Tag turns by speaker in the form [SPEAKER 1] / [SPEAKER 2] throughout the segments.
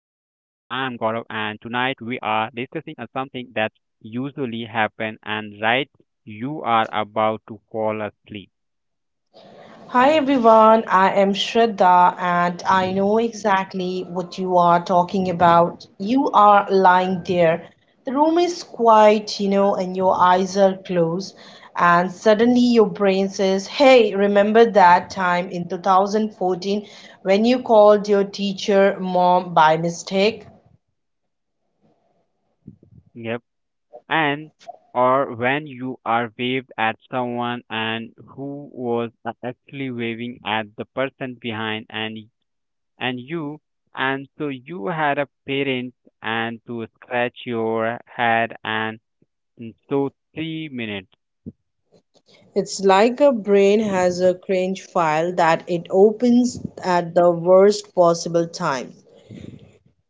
[SPEAKER 1] And tonight we are discussing a something that usually happen, and right, you are about to fall asleep.
[SPEAKER 2] Hi everyone, I am Shraddha and I know exactly what you are talking about. You are lying there. The room is quiet, and your eyes are closed, and suddenly your brain says, Hey, remember that time in 2014 when you called your teacher mom by mistake?
[SPEAKER 1] Yep. And or when you are waved at someone and who was actually waving at the person behind, and you, and so you had a parent and to scratch your head, and so 3 minutes.
[SPEAKER 2] It's like a brain has a cringe file that it opens at the worst possible time.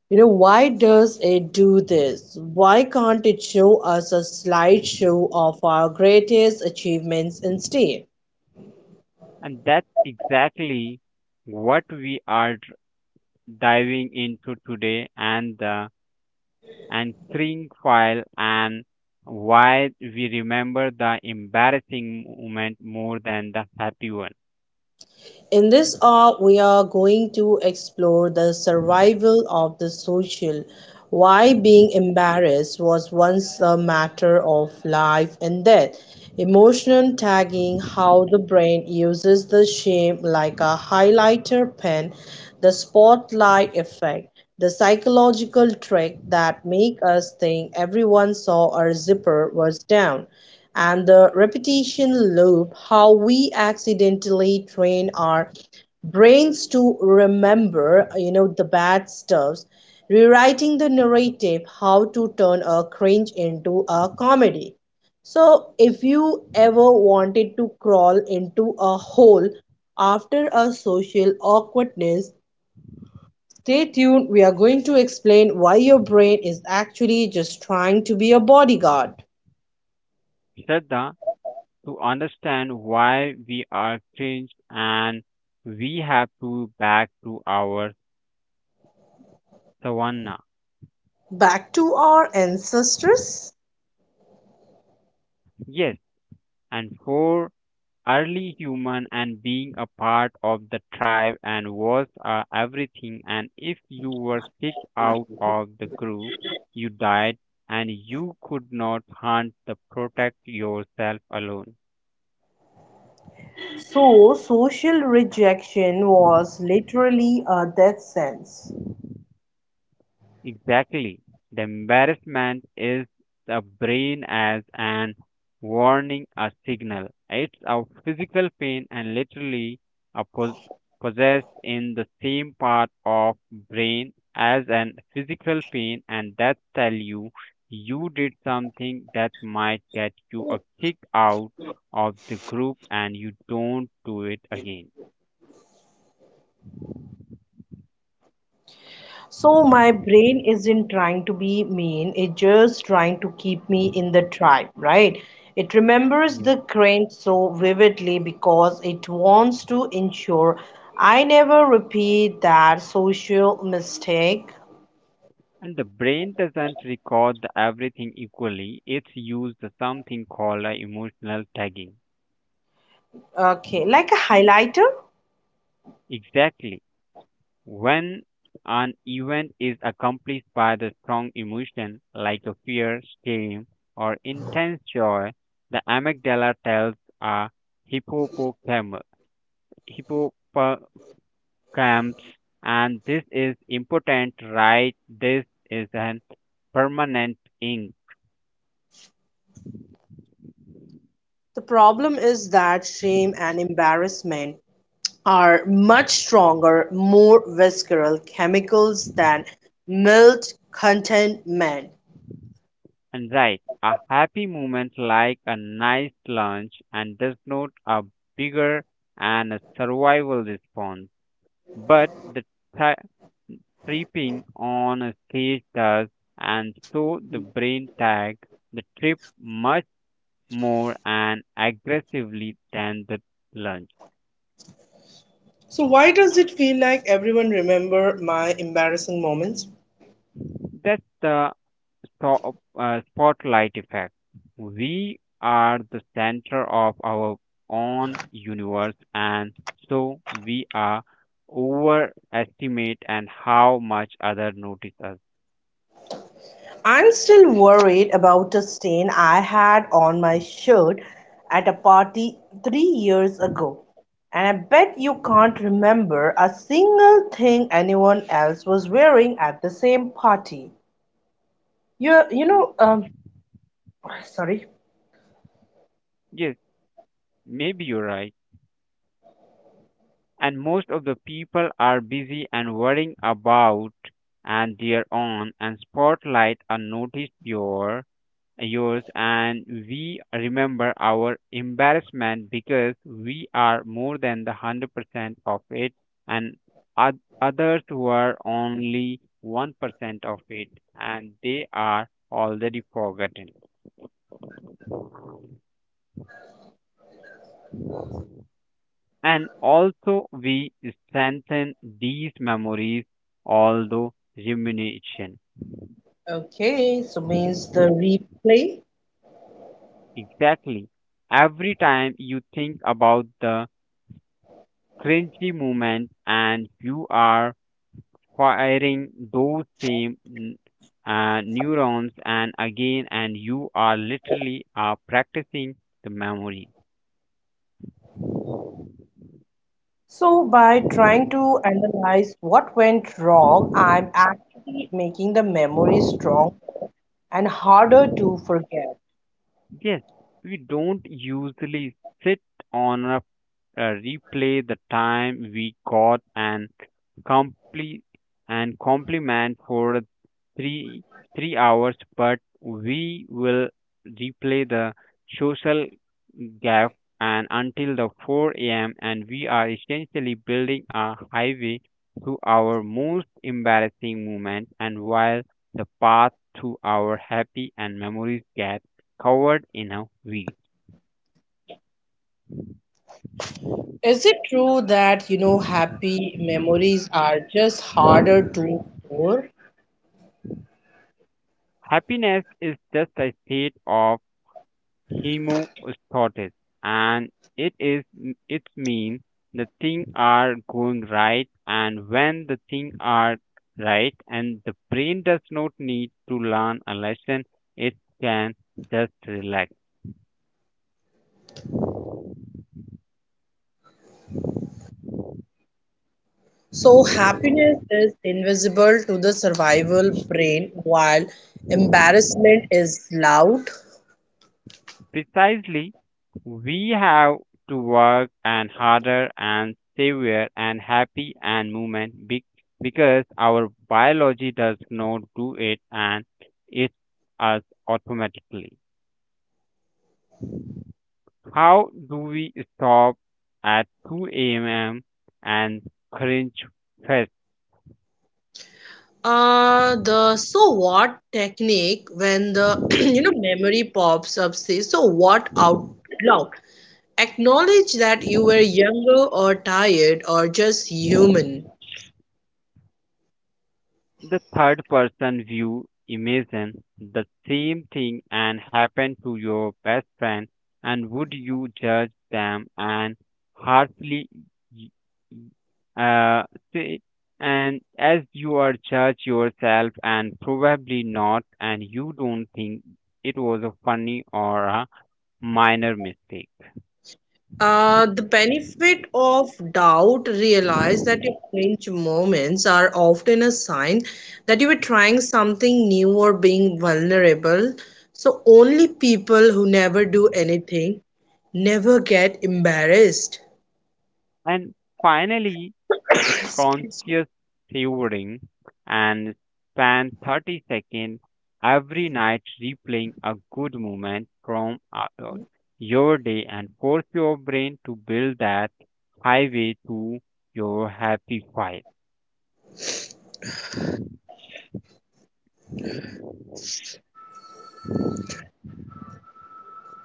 [SPEAKER 2] Why does it do this? Why can't it show us a slideshow of our greatest achievements instead?
[SPEAKER 1] And that's exactly what we are diving into today, and the anchoring file, and why we remember the embarrassing moment more than the happy one.
[SPEAKER 2] In this hour, we are going to explore the survival of the social, why being embarrassed was once a matter of life and death, emotional tagging, how the brain uses the shame like a highlighter pen, the spotlight effect, the psychological trick that make us think everyone saw our zipper was down, and the repetition loop, how we accidentally train our brains to remember, the bad stuffs, rewriting the narrative, how to turn a cringe into a comedy. So, if you ever wanted to crawl into a hole after a social awkwardness, stay tuned. We are going to explain why your brain is actually just trying to be a bodyguard.
[SPEAKER 1] Shraddha, to understand why we are changed, and we have to back to our savanna.
[SPEAKER 2] Back to our ancestors?
[SPEAKER 1] Yes, and for early human and being a part of the tribe and was everything. And if you were kicked out of the group, you died and you could not hunt to protect yourself alone.
[SPEAKER 2] So social rejection was literally a death sentence.
[SPEAKER 1] Exactly. The embarrassment is the brain as an warning, a signal. It's a physical pain and literally a possessed in the same part of brain as an physical pain, and that tell you you did something that might get you a kick out of the group and you don't do it again.
[SPEAKER 2] So my brain isn't trying to be mean, it's just trying to keep me in the tribe, right? It remembers the crane so vividly because it wants to ensure I never repeat that social mistake.
[SPEAKER 1] And the brain doesn't record the everything equally. It's used something called a emotional tagging.
[SPEAKER 2] Okay, like a highlighter?
[SPEAKER 1] Exactly. When an event is accomplished by the strong emotion like a fear, shame, or intense joy, the amygdala tells a hippocampus, hippocampus, and this is important, right? This is an permanent ink.
[SPEAKER 2] The problem is that shame and embarrassment are much stronger, more visceral chemicals than mild content men.
[SPEAKER 1] And right, a happy moment like a nice lunch and does not a bigger and a survival response, but the tri- tripping on a stage does, and so the brain tag the trip much more and aggressively than the lunch.
[SPEAKER 2] So, why does it feel like everyone remember my embarrassing moments?
[SPEAKER 1] That's the spotlight effect. We are the center of our own universe, and so we are overestimate and how much other notice us.
[SPEAKER 2] I'm still worried about a stain I had on my shirt at a party 3 years ago. And I bet you can't remember a single thing anyone else was wearing at the same party. You, you know, um, Sorry.
[SPEAKER 1] Yes, maybe you're right. And most of the people are busy and worrying about and their own and spotlight and notice your yours and we remember our embarrassment because we are more than the 100% of it, and others were only 1% of it, and they are already forgotten, and also we strengthen these memories although rumination.
[SPEAKER 2] Okay, so means the replay.
[SPEAKER 1] Exactly. Every time you think about the cringy moment and you are firing those same neurons and again, and you are literally are practicing the memory.
[SPEAKER 2] So by trying to analyze what went wrong, I'm actually making the memory strong and harder to forget.
[SPEAKER 1] Yes, we don't usually sit on a replay the time we got and complete and compliment for three three hours, but we will replay the social gap and until the 4 a.m., and we are essentially building a highway to our most embarrassing moment, and while the path to our happy and memories get covered in a week.
[SPEAKER 2] Is it true that, happy memories are just harder to store?
[SPEAKER 1] Happiness is just a state of hemostasis, and it is it means the thing are going right, and when the thing are right, and the brain does not need to learn a lesson, it can just relax.
[SPEAKER 2] So happiness is invisible to the survival brain while embarrassment is loud.
[SPEAKER 1] Precisely, we have to work and harder and severe and happy and movement because our biology does not do it and it's us automatically. How do we stop at 2 a.m. and cringe fest?
[SPEAKER 2] The so what technique, when the memory pops up, says so what out loud. Acknowledge that you were younger or tired or just human.
[SPEAKER 1] The third person view imagine the same thing and happen to your best friend, and would you judge them and harshly, y- uh, say, and as you are judge yourself and probably not, and you don't think it was a funny or a minor mistake.
[SPEAKER 2] The benefit of doubt, realize that your cringe moments are often a sign that you were trying something new or being vulnerable. So only people who never do anything never get embarrassed.
[SPEAKER 1] And finally, the
[SPEAKER 2] Excuse
[SPEAKER 1] conscious savoring and spend 30 seconds every night replaying a good moment from your day and force your brain to build that highway to your happy file.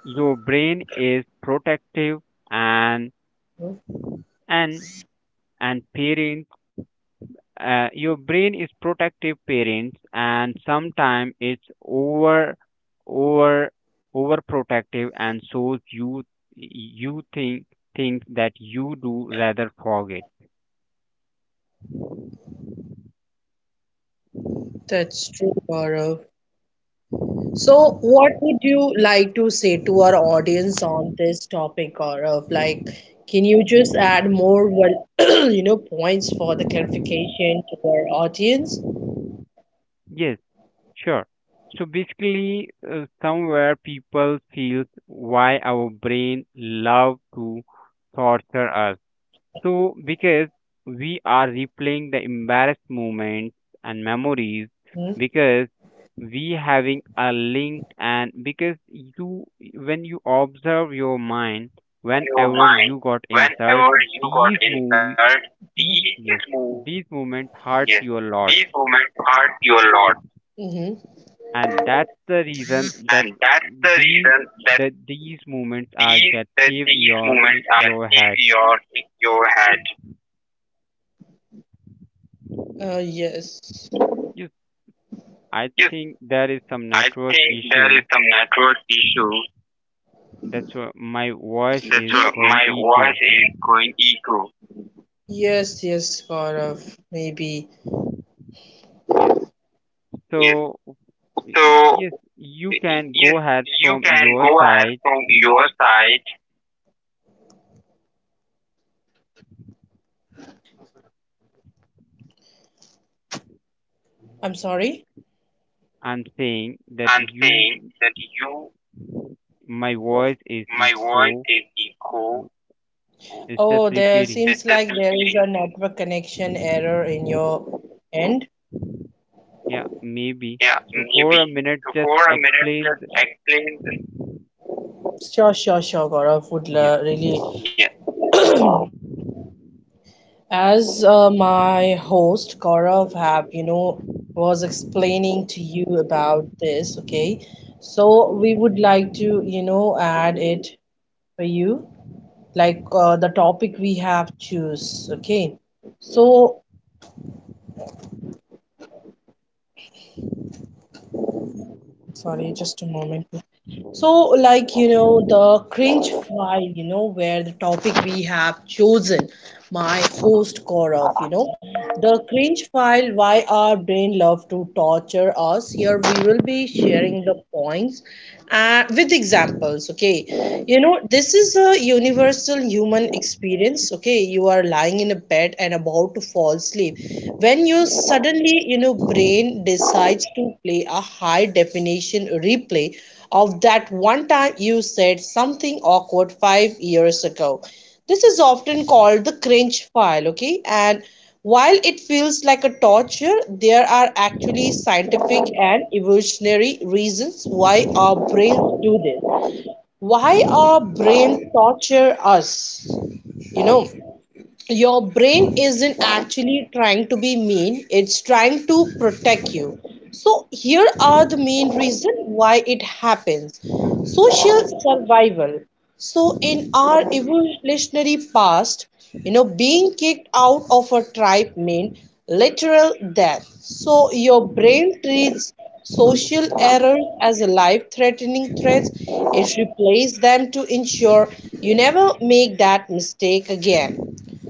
[SPEAKER 1] Your brain is protective and and and parent, your brain is protective parents and sometimes it's over overprotective, and so you think things that you do rather forget.
[SPEAKER 2] That's true, Gaurav. So, what would you like to say to our audience on this topic, Gaurav? Like, can you just add more, well, points for the clarification to our audience?
[SPEAKER 1] Yes, sure. So basically, somewhere people feel why our brain love to torture us. So, because we are replaying the embarrassed moments and
[SPEAKER 2] Hmm?
[SPEAKER 1] memories, because we having a link, and because you, when you observe your mind,
[SPEAKER 2] Your
[SPEAKER 1] whenever
[SPEAKER 2] mind
[SPEAKER 1] you got
[SPEAKER 2] whenever
[SPEAKER 1] insult,
[SPEAKER 2] you got
[SPEAKER 1] these movie,
[SPEAKER 2] insulted. These
[SPEAKER 1] yes,
[SPEAKER 2] move,
[SPEAKER 1] these moments hurts
[SPEAKER 2] yes,
[SPEAKER 1] you a lot,
[SPEAKER 2] these moments hurt you a lot. Mm-hmm.
[SPEAKER 1] and that's the reason that
[SPEAKER 2] And that's the
[SPEAKER 1] these
[SPEAKER 2] reason that
[SPEAKER 1] these moments are
[SPEAKER 2] these
[SPEAKER 1] get
[SPEAKER 2] that
[SPEAKER 1] save
[SPEAKER 2] these
[SPEAKER 1] your
[SPEAKER 2] moments
[SPEAKER 1] your
[SPEAKER 2] are
[SPEAKER 1] head.
[SPEAKER 2] in your head. Yes.
[SPEAKER 1] Yes, I
[SPEAKER 2] Yes,
[SPEAKER 1] think there is some
[SPEAKER 2] I
[SPEAKER 1] network
[SPEAKER 2] think there is
[SPEAKER 1] issue.
[SPEAKER 2] some network issue.
[SPEAKER 1] That's why my voice
[SPEAKER 2] That's
[SPEAKER 1] is
[SPEAKER 2] Ye- why
[SPEAKER 1] going
[SPEAKER 2] Ye- my voice
[SPEAKER 1] echo.
[SPEAKER 2] is going echo. Yes, yes, Gaurav, maybe.
[SPEAKER 1] Yes.
[SPEAKER 2] Yes.
[SPEAKER 1] So,
[SPEAKER 2] So,
[SPEAKER 1] yes, you can
[SPEAKER 2] yes,
[SPEAKER 1] go ahead
[SPEAKER 2] you
[SPEAKER 1] from
[SPEAKER 2] can
[SPEAKER 1] your
[SPEAKER 2] go ahead
[SPEAKER 1] side
[SPEAKER 2] from your side. I'm sorry.
[SPEAKER 1] and saying that
[SPEAKER 2] And saying
[SPEAKER 1] you,
[SPEAKER 2] that you,
[SPEAKER 1] my voice is
[SPEAKER 2] my voice
[SPEAKER 1] echo.
[SPEAKER 2] is echo.
[SPEAKER 1] w- It's just
[SPEAKER 2] Oh, there it's
[SPEAKER 1] repeating.
[SPEAKER 2] seems just like there is a me. Network connection error in your end.
[SPEAKER 1] Yeah, maybe.
[SPEAKER 2] Yeah,
[SPEAKER 1] So for a
[SPEAKER 2] maybe.
[SPEAKER 1] minute,
[SPEAKER 2] So
[SPEAKER 1] just
[SPEAKER 2] for a minute,
[SPEAKER 1] explain.
[SPEAKER 2] just explain. Sure, sure, sure, Gaurav.
[SPEAKER 1] Yeah.
[SPEAKER 2] Would really, yeah. As my host Gaurav have, was explaining to you about this, okay? So we would like to, add it for you, like the topic we have choose, okay? So, sorry, just a moment. So, like, the cringe file, where the topic we have chosen, my host Gaurav, the cringe file, why our brain love to torture us. Here we will be sharing the points with examples, okay? You know, this is a universal human experience, okay? You are lying in a bed and about to fall asleep. When you suddenly, brain decides to play a high definition replay of that one time you said something awkward 5 years ago. This is often called the cringe file, okay? And while it feels like a torture, there are actually scientific and evolutionary reasons why our brains do this. Why our brains torture us, you know? Your brain isn't actually trying to be mean, it's trying to protect you. So, here are the main reasons why it happens: social survival. So, in our evolutionary past, being kicked out of a tribe meant literal death. So, your brain treats social errors as a life threatening threats, it replaces them to ensure you never make that mistake again.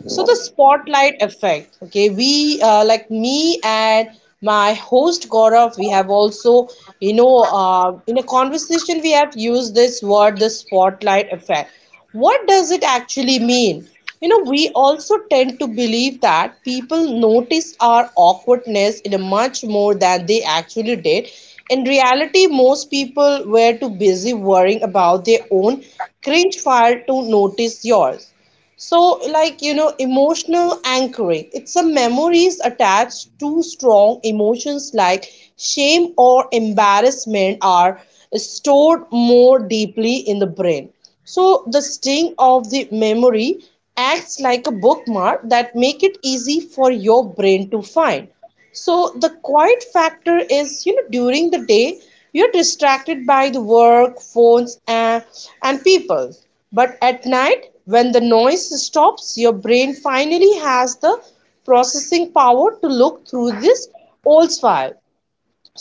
[SPEAKER 2] So the spotlight effect. Okay, we like me and my host Gaurav. We have also, in a conversation we have used this word, the spotlight effect. What does it actually mean? You know, we also tend to believe that people notice our awkwardness in a much more than they actually did. In reality, most people were too busy worrying about their own cringe fire to notice yours. So, like, emotional anchoring. It's a memories attached to strong emotions like shame or embarrassment are stored more deeply in the brain. So, the sting of the memory acts like a bookmark that make it easy for your brain to find. So the quiet factor is, during the day, you're distracted by the work, phones, and people. But at night, when the noise stops, your brain finally has the processing power to look through this old file.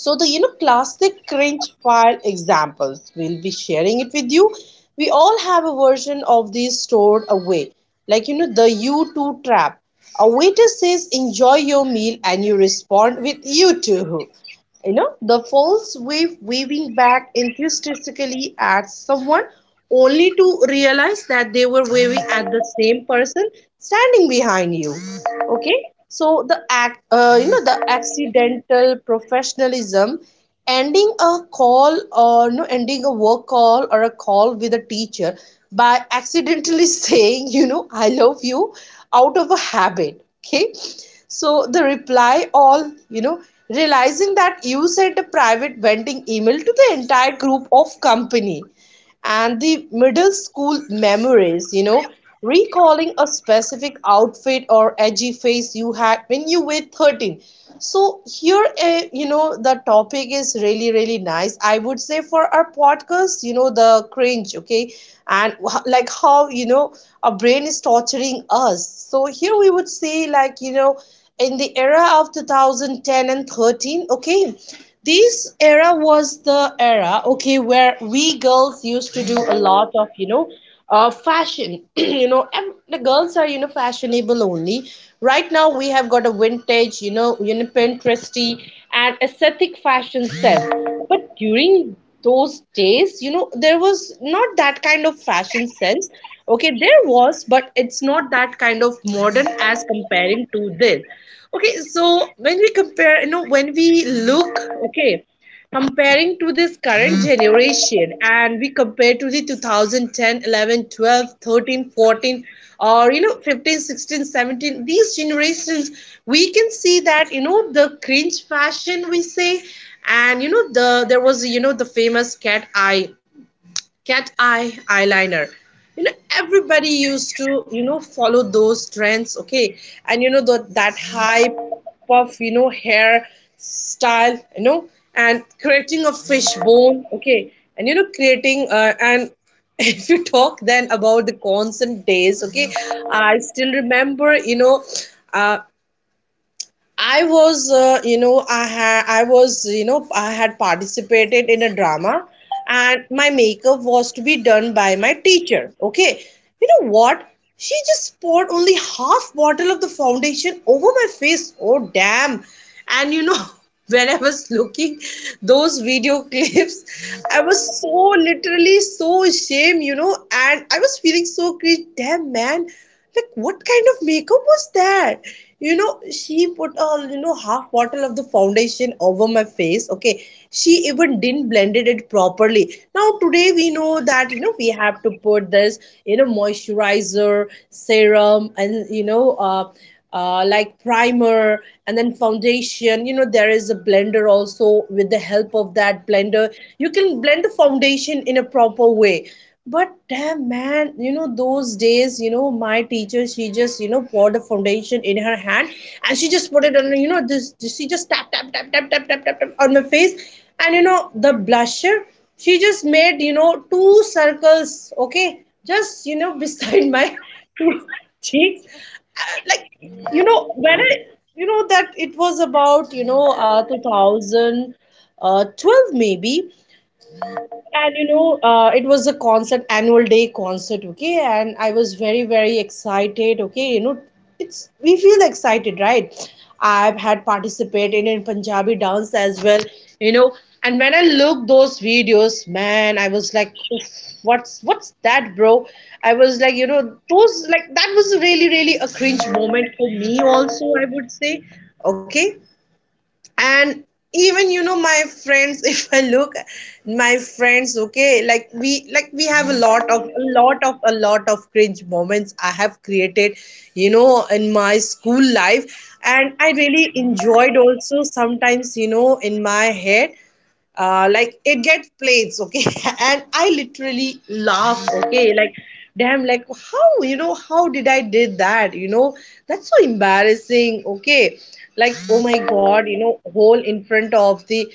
[SPEAKER 2] So the classic cringe file examples, we'll be sharing it with you. We all have a version of these stored away, like the u2 trap. A waiter says enjoy your meal and you respond with you too. The false wave, waving back enthusiastically at someone only to realize that they were waving at the same person standing behind you. Okay, so the act the accidental professionalism, ending a call, or no ending a work call or a call with a teacher by accidentally saying I love you out of a habit. Okay, so the reply all, you know realizing that you sent a private venting email to the entire group of company, and the middle school memories, recalling a specific outfit or edgy face you had when you were 13. So, here, the topic is really, really nice. I would say for our podcast, the cringe, okay, and like how, our brain is torturing us. So, here we would say, like, in the era of 2010 and 13, okay, this era was the era, okay, where we girls used to do a lot of fashion. And the girls are fashionable only. Right now we have got a vintage, pinteresty and aesthetic fashion sense, but during those days, there was not that kind of fashion sense. Okay, there was, but it's not that kind of modern as comparing to this. Okay, so when we compare, when we look, okay, comparing to this current generation and we compare to the 2010, 11, 12, 13, 14, or, 15, 16, 17, these generations, we can see that, the cringe fashion we say, and, there was, the famous cat eye eyeliner. you know Everybody used to follow those trends, okay? And that high puff, hair style, and creating a fishbone, okay, and creating and if you talk then about the constant days, okay, I still remember, uh, I was, you know, I had participated in a drama, and my makeup was to be done by my teacher. Okay, you know what? She just poured only half bottle of the foundation over my face. Oh damn! And you know, when I was looking those video clips, I was so literally so ashamed, and I was feeling so cringe. Damn man, like what kind of makeup was that? You know, she put on half bottle of the foundation over my face. Okay, she even didn't blended it properly. Now today we know that we have to put this moisturizer, serum, and like primer and then foundation. There is a blender also. With the help of that blender you can blend the foundation in a proper way. But damn man, those days my teacher, she just poured the foundation in her hand and she just put it on. This, she just tap tap tap tap tap tap tap, tap on my face. And the blusher, she just made two circles, okay, just beside my cheeks. Like when it, that it was about 2012 maybe. And it was a concert, annual day concert, okay, and I was very very excited, okay, it's, we feel excited, right? I've had participated in Punjabi dance as well, you know and when I look those videos man, I was like, "Oof, what's that bro?" I was like, those, like, that was really really a cringe moment for me also, I would say. Okay. And even my friends, if I look my friends, okay, like we, like we have a lot of cringe moments I have created in my school life. And I really enjoyed also sometimes in my head. Like it gets plates, okay. And I literally laugh, okay, like damn, like how how did I did that, that's so embarrassing, okay. Like oh my god, hole in front of the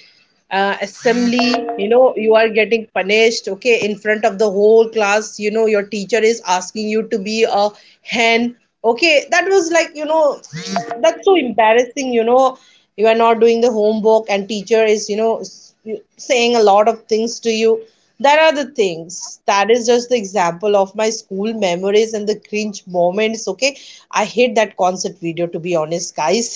[SPEAKER 2] assembly, you are getting punished, okay, in front of the whole class. Your teacher is asking you to be a hen. Okay, that was like, that's so embarrassing, you are not doing the homework and teacher is saying a lot of things to you. That are the things, that is just the example of my school memories and the cringe moments, okay. I hate that concert video, to be honest guys.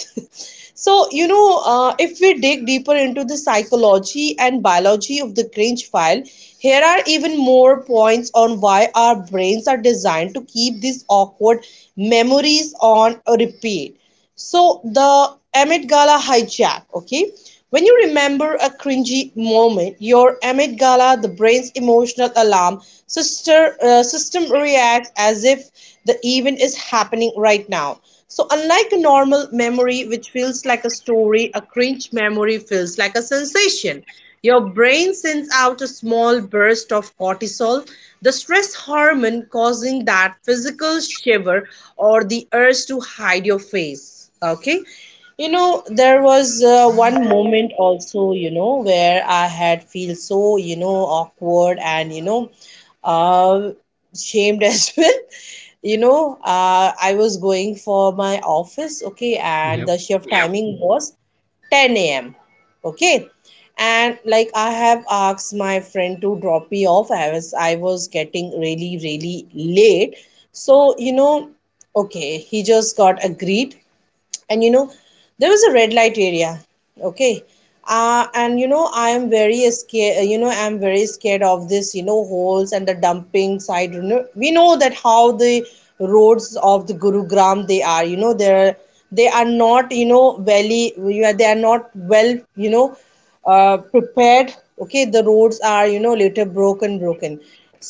[SPEAKER 2] So if we dig deeper into the psychology and biology of the cringe file, here are even more points on why our brains are designed to keep these awkward memories on a repeat. So the Met Gala hijack, okay? When you remember a cringy moment, your Met Gala, the brain's emotional alarm system reacts as if the event is happening right now. So, unlike a normal memory, which feels like a story, a cringe memory feels like a sensation. Your brain sends out a small burst of cortisol, the stress hormone, causing that physical shiver or the urge to hide your face. Okay. There was one moment also, where I had feel so, awkward and, uh, shamed as well. I was going for my office, okay, and
[SPEAKER 1] Yep,
[SPEAKER 2] the shift timing was 10 a.m. Okay. And like, I have asked my friend to drop me off. I was getting really, really late. So, okay, he just got agreed. And there was a red light area, okay. And I am very scared, I'm very scared of this, holes and the dumping side. We know that how the roads of the Gurugram, they are, they're, they are not very you are, they are not well prepared, okay. The roads are later broken broken.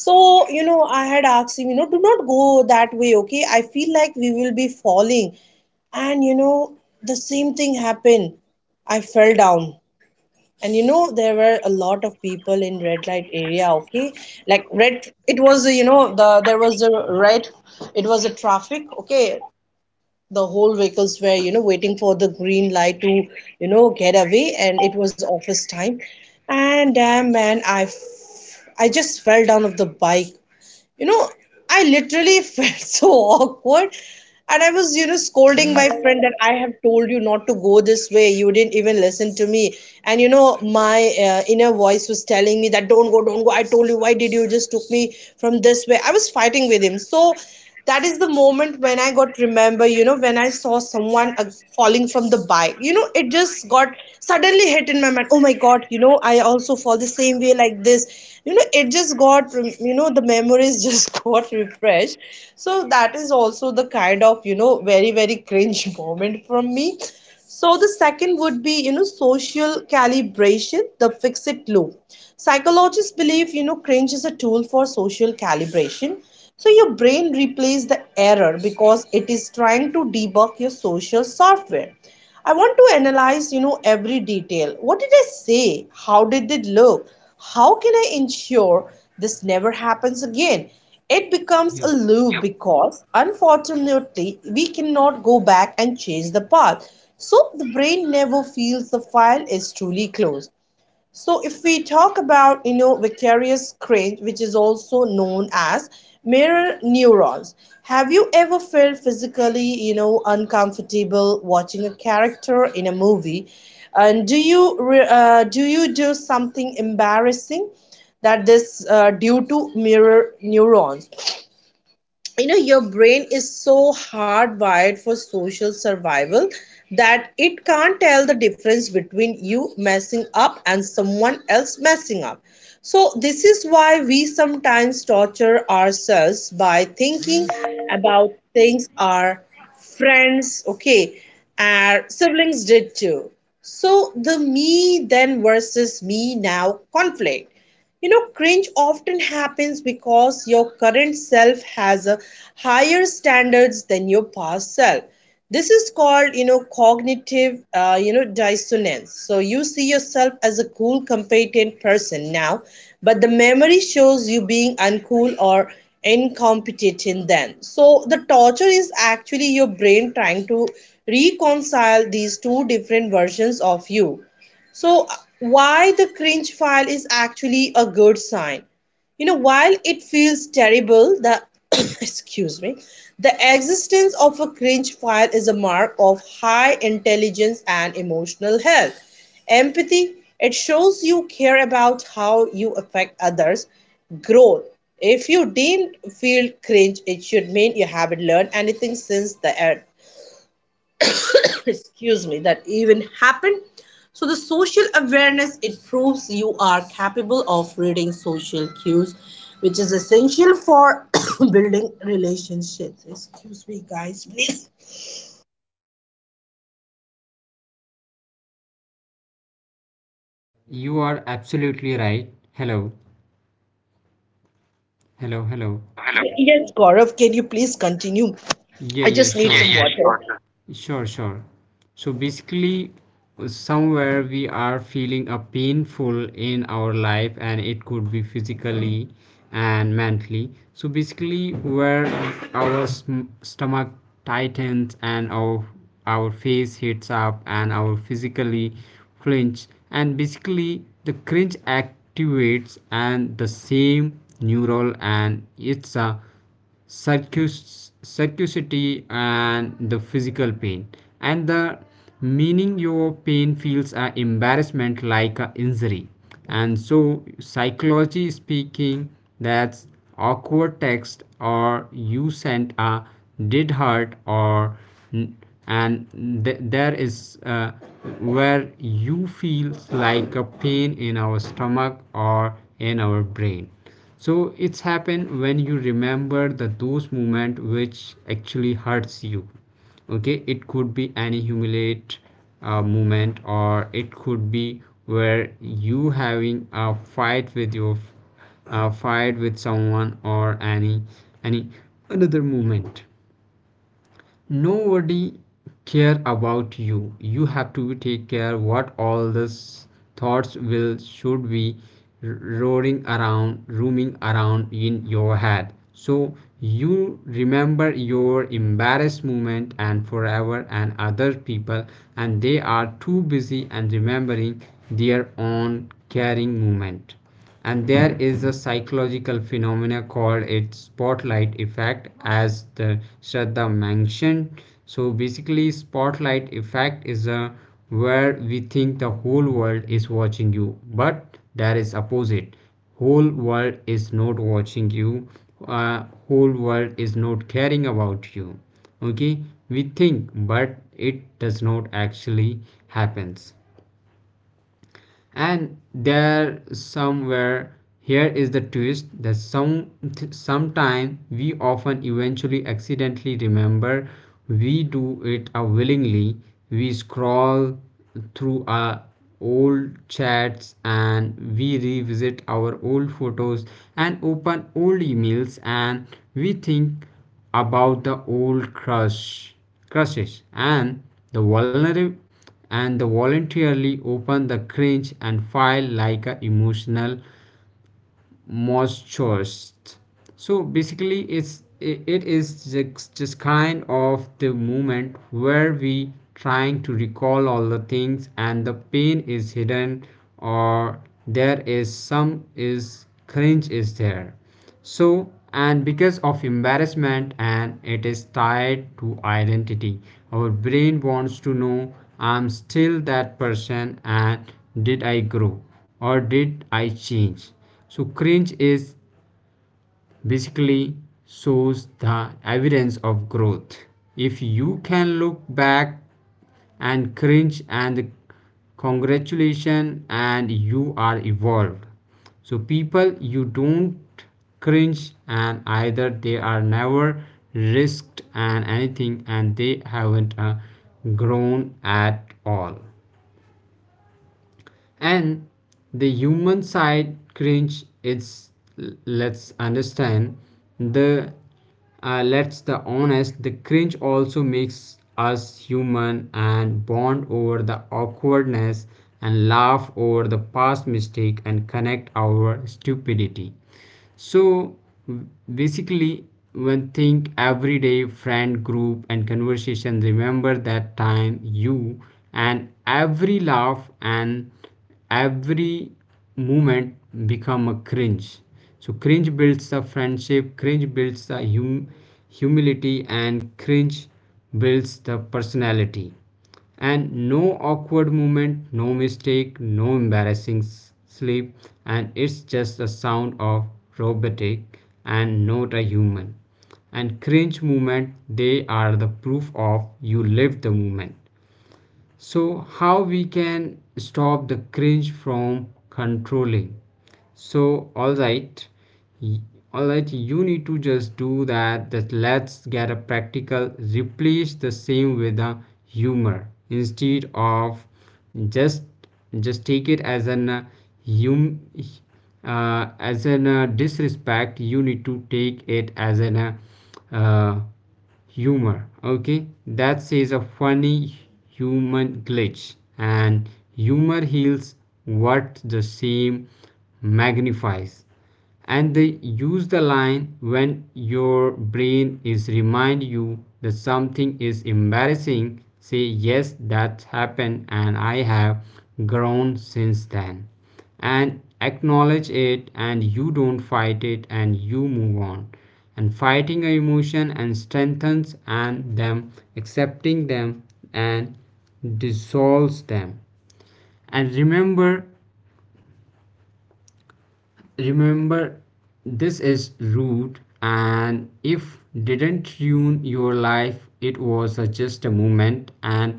[SPEAKER 2] So I had asked him, do not go that way, okay, I feel like we will be falling. And the same thing happened. I fell down. And there were a lot of people in red light area, okay. Like red, it was, there was a red, it was a traffic, okay. The whole vehicles were, waiting for the green light to, get away, and it was office time. And damn man, I just fell down of the bike, you know I literally felt so awkward. And I was scolding my friend that I have told you not to go this way, you didn't even listen to me. And my inner voice was telling me that don't go don't go, I told you, why did you just took me from this way? I was fighting with him. So that is the moment when I got remember, when I saw someone falling from the bike, it just got suddenly hit in my mind. Oh my God, I also fall the same way like this. It just got, the memories just got refreshed. So that is also the kind of, very, very cringe moment from me. So the second would be, social calibration, the fix it loop. Psychologists believe, cringe is a tool for social calibration. So your brain replays the error because it is trying to debug your social software. I want to analyze, every detail. What did I say? How did it look? How can I ensure this never happens again? It becomes a
[SPEAKER 1] yep.
[SPEAKER 2] loop because unfortunately we cannot go back and change the past. So the brain never feels the file is truly closed. So if we talk about vicarious cringe, which is also known as mirror neurons, have you ever felt physically uncomfortable watching a character in a movie? And do you do something embarrassing, that this due to mirror neurons? Your brain is so hardwired for social survival that it can't tell the difference between you messing up and someone else messing up. So this is why we sometimes torture ourselves by thinking about things our friends, okay, our siblings did too. So the me then versus me now conflict. Cringe often happens because your current self has a higher standards than your past self. This is called, cognitive, dissonance. So you see yourself as a cool, competent person now, but the memory shows you being uncool or incompetent then. So the torture is actually your brain trying to reconcile these two different versions of you. So why the cringe file is actually a good sign. While it feels terrible, the excuse me, the existence of a cringe file is a mark of high intelligence and emotional health. Empathy: it shows you care about how you affect others. Growth: if you didn't feel cringe, it should mean you haven't learned anything since the excuse me, that even happened. So the social awareness, it proves you are capable of reading social cues, which is essential for building relationships. Excuse me guys, please.
[SPEAKER 1] You are absolutely right. Hello, hello, hello.
[SPEAKER 2] Hello, hello. Yes Gaurav, can you please continue.
[SPEAKER 1] Yeah,
[SPEAKER 2] I
[SPEAKER 1] yeah,
[SPEAKER 2] just need, yeah,
[SPEAKER 1] sure,
[SPEAKER 2] some, yeah,
[SPEAKER 1] sure.
[SPEAKER 2] water, sure.
[SPEAKER 1] Sure, sure. So basically, somewhere we are feeling a painful in our life, and it could be physically and mentally. So basically, where our stomach tightens and our face heats up and our physically flinch, and basically the cringe activates and the same neural, and it's a circuitry and the physical pain and the meaning your pain feels an embarrassment like an injury. And so psychology speaking, that's awkward text or you sent a did hurt or, and there is where you feel like a pain in our stomach or in our brain. So it's happen when you remember the those moment which actually hurts you. Okay, it could be any humiliate moment, or it could be where you having a fight with someone, or any another moment. Nobody care about you. You have to take care what all these thoughts will should be roaring around roaming around in your head. So you remember your embarrassed moment and forever, and other people and they are too busy and remembering their own caring moment. And there is a psychological phenomena called it spotlight effect, as the Shraddha mentioned. So basically, spotlight effect is a where we think the whole world is watching you, but there is opposite, whole world is not watching you, uh, whole world is not caring about you. Okay, we think, but it does not actually happens. And there somewhere, here is the twist that sometime we often eventually accidentally remember, we do it willingly. We scroll through our old chats, and we revisit our old photos, and open old emails, and we think about the old crushes, and the vulnerable and the voluntarily open the cringe and file like a emotional masochist. So basically, it is just kind of the moment where we trying to recall all the things and the pain is hidden, or there is some is cringe is there. So, and because of embarrassment and it is tied to identity, our brain wants to know, I'm still that person, and did I grow or did I change? So cringe is basically shows the evidence of growth. If you can look back and cringe and congratulation, and you are evolved. So people you don't cringe and either they are never risked and anything, and they haven't grown at all. And the human side cringe it's let's understand the let's the honest, the cringe also makes us human, and bond over the awkwardness, and laugh over the past mistake, and connect our stupidity. So basically, when think everyday friend group and conversation, remember that time you, and every laugh and every moment become a cringe. So cringe builds the friendship, cringe builds the humility, and cringe builds the personality. And no awkward movement, no mistake, no embarrassing slip, and it's just a sound of robotic and not a human. And cringe movement, they are the proof of you lived the moment. So how we can stop the cringe from controlling? So all right, y- all right, you need to just do that let's get a practical, replace the same with a humor, instead of just just take it as an hum disrespect. You need to take it as an uh, humor. Okay, that says a funny human glitch. And humor heals what the shame magnifies. And they use the line when your brain is remind you that something is embarrassing, say yes that happened and I have grown since then. And acknowledge it and you don't fight it and you move on. And fighting an emotion and strengthens and them accepting them and dissolves them. And remember this is rude. And if didn't ruin your life, it was a just a moment. And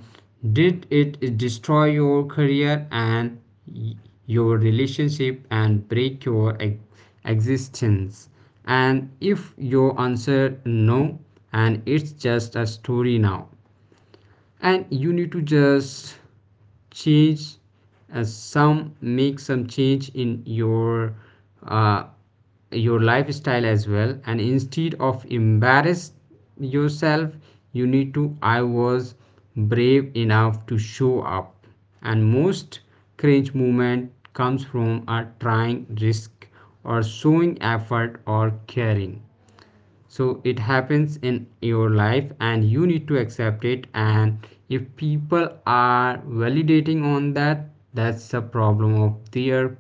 [SPEAKER 1] did it destroy your career and y- your relationship and break your existence? And if your answer no, and it's just a story now, and you need to just change, some make some change in uh, your lifestyle as well. And instead of embarrass yourself, you need to, I was brave enough to show up. And most cringe movement comes from a trying risk or showing effort or caring. So it happens in your life and you need to accept it, and if people are validating on that, that's a problem of their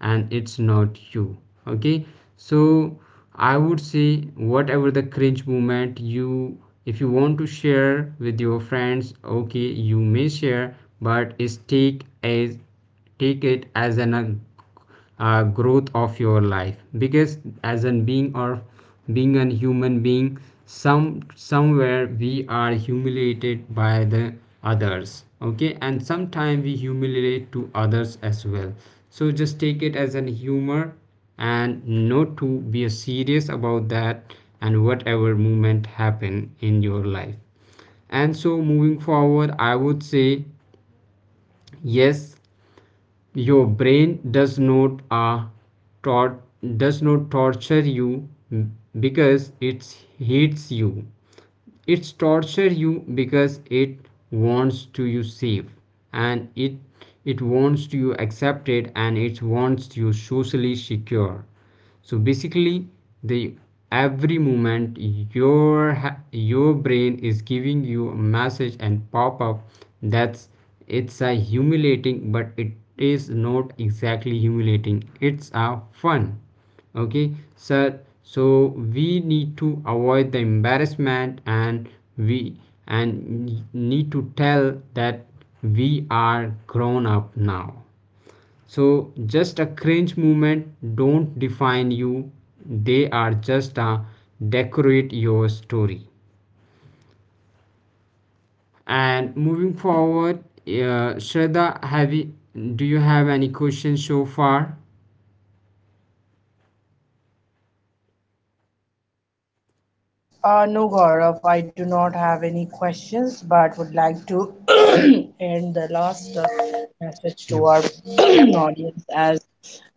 [SPEAKER 1] and it's not you. Okay, so I would say, whatever the cringe moment you, if you want to share with your friends, okay, you may share. But is take it as an a growth of your life. Because as a being or being a human being, somewhere we are humiliated by the others. Okay, and sometimes we humiliate to others as well. So just take it as an humor, and not to be serious about that, and whatever movement happen in your life. And so moving forward, I would say yes, your brain does not tor- does not torture you because it hits you. It's torture you because it wants to you safe, and it wants to you accepted, and it wants you socially secure. So basically, the every moment your your brain is giving you a message and pop up. That's It's a humiliating, but it is not exactly humiliating, it's a fun. Okay, sir. So we need to avoid the embarrassment, and we and need to tell that we are grown up now. So just a cringe movement don't define you, they are just a decorate your story. And moving forward, Shraddha, have you do you have any questions so far?
[SPEAKER 2] No, Gaurav, I do not have any questions, but would like to end the last message
[SPEAKER 1] Yep.
[SPEAKER 2] to our audience, as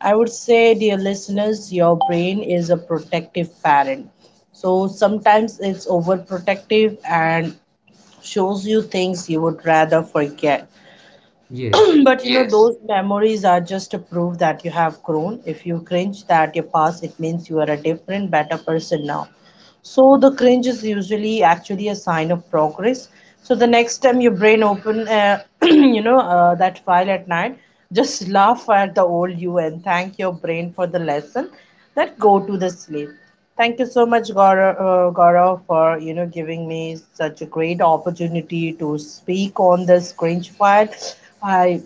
[SPEAKER 2] I would say, dear listeners, your brain is a protective parent. So sometimes it's overprotective and shows you things you would rather forget.
[SPEAKER 1] Yes.
[SPEAKER 2] But yes. Those memories are just a proof that you have grown. If you cringe at your past, it means you are a different, better person now. So the cringe is usually actually a sign of progress. So the next time your brain open, that file at night, just laugh at the old you and thank your brain for the lesson. That go to the sleep. Thank you so much, Gaurav, for giving me such a great opportunity to speak on this cringe file. I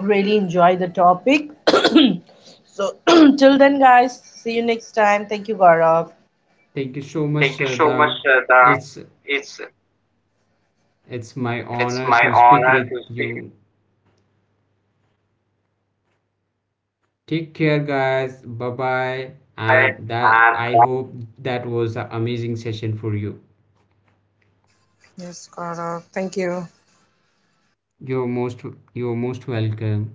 [SPEAKER 2] really enjoy the topic. So till then guys, see you next time. Thank you, Gaurav.
[SPEAKER 1] Thank you so much,
[SPEAKER 2] Thank you so
[SPEAKER 1] Shraddha.
[SPEAKER 2] much, Shraddha.
[SPEAKER 1] it's
[SPEAKER 2] It's
[SPEAKER 1] It's my
[SPEAKER 2] it's
[SPEAKER 1] honor
[SPEAKER 2] my
[SPEAKER 1] to speak
[SPEAKER 2] honor
[SPEAKER 1] with
[SPEAKER 2] to speak.
[SPEAKER 1] you. Take care, guys. Bye bye.
[SPEAKER 2] By,
[SPEAKER 1] And that
[SPEAKER 2] and
[SPEAKER 1] I hope that was an amazing session for you.
[SPEAKER 2] yes, Gaurav. Thank you.
[SPEAKER 1] You're most you're most welcome.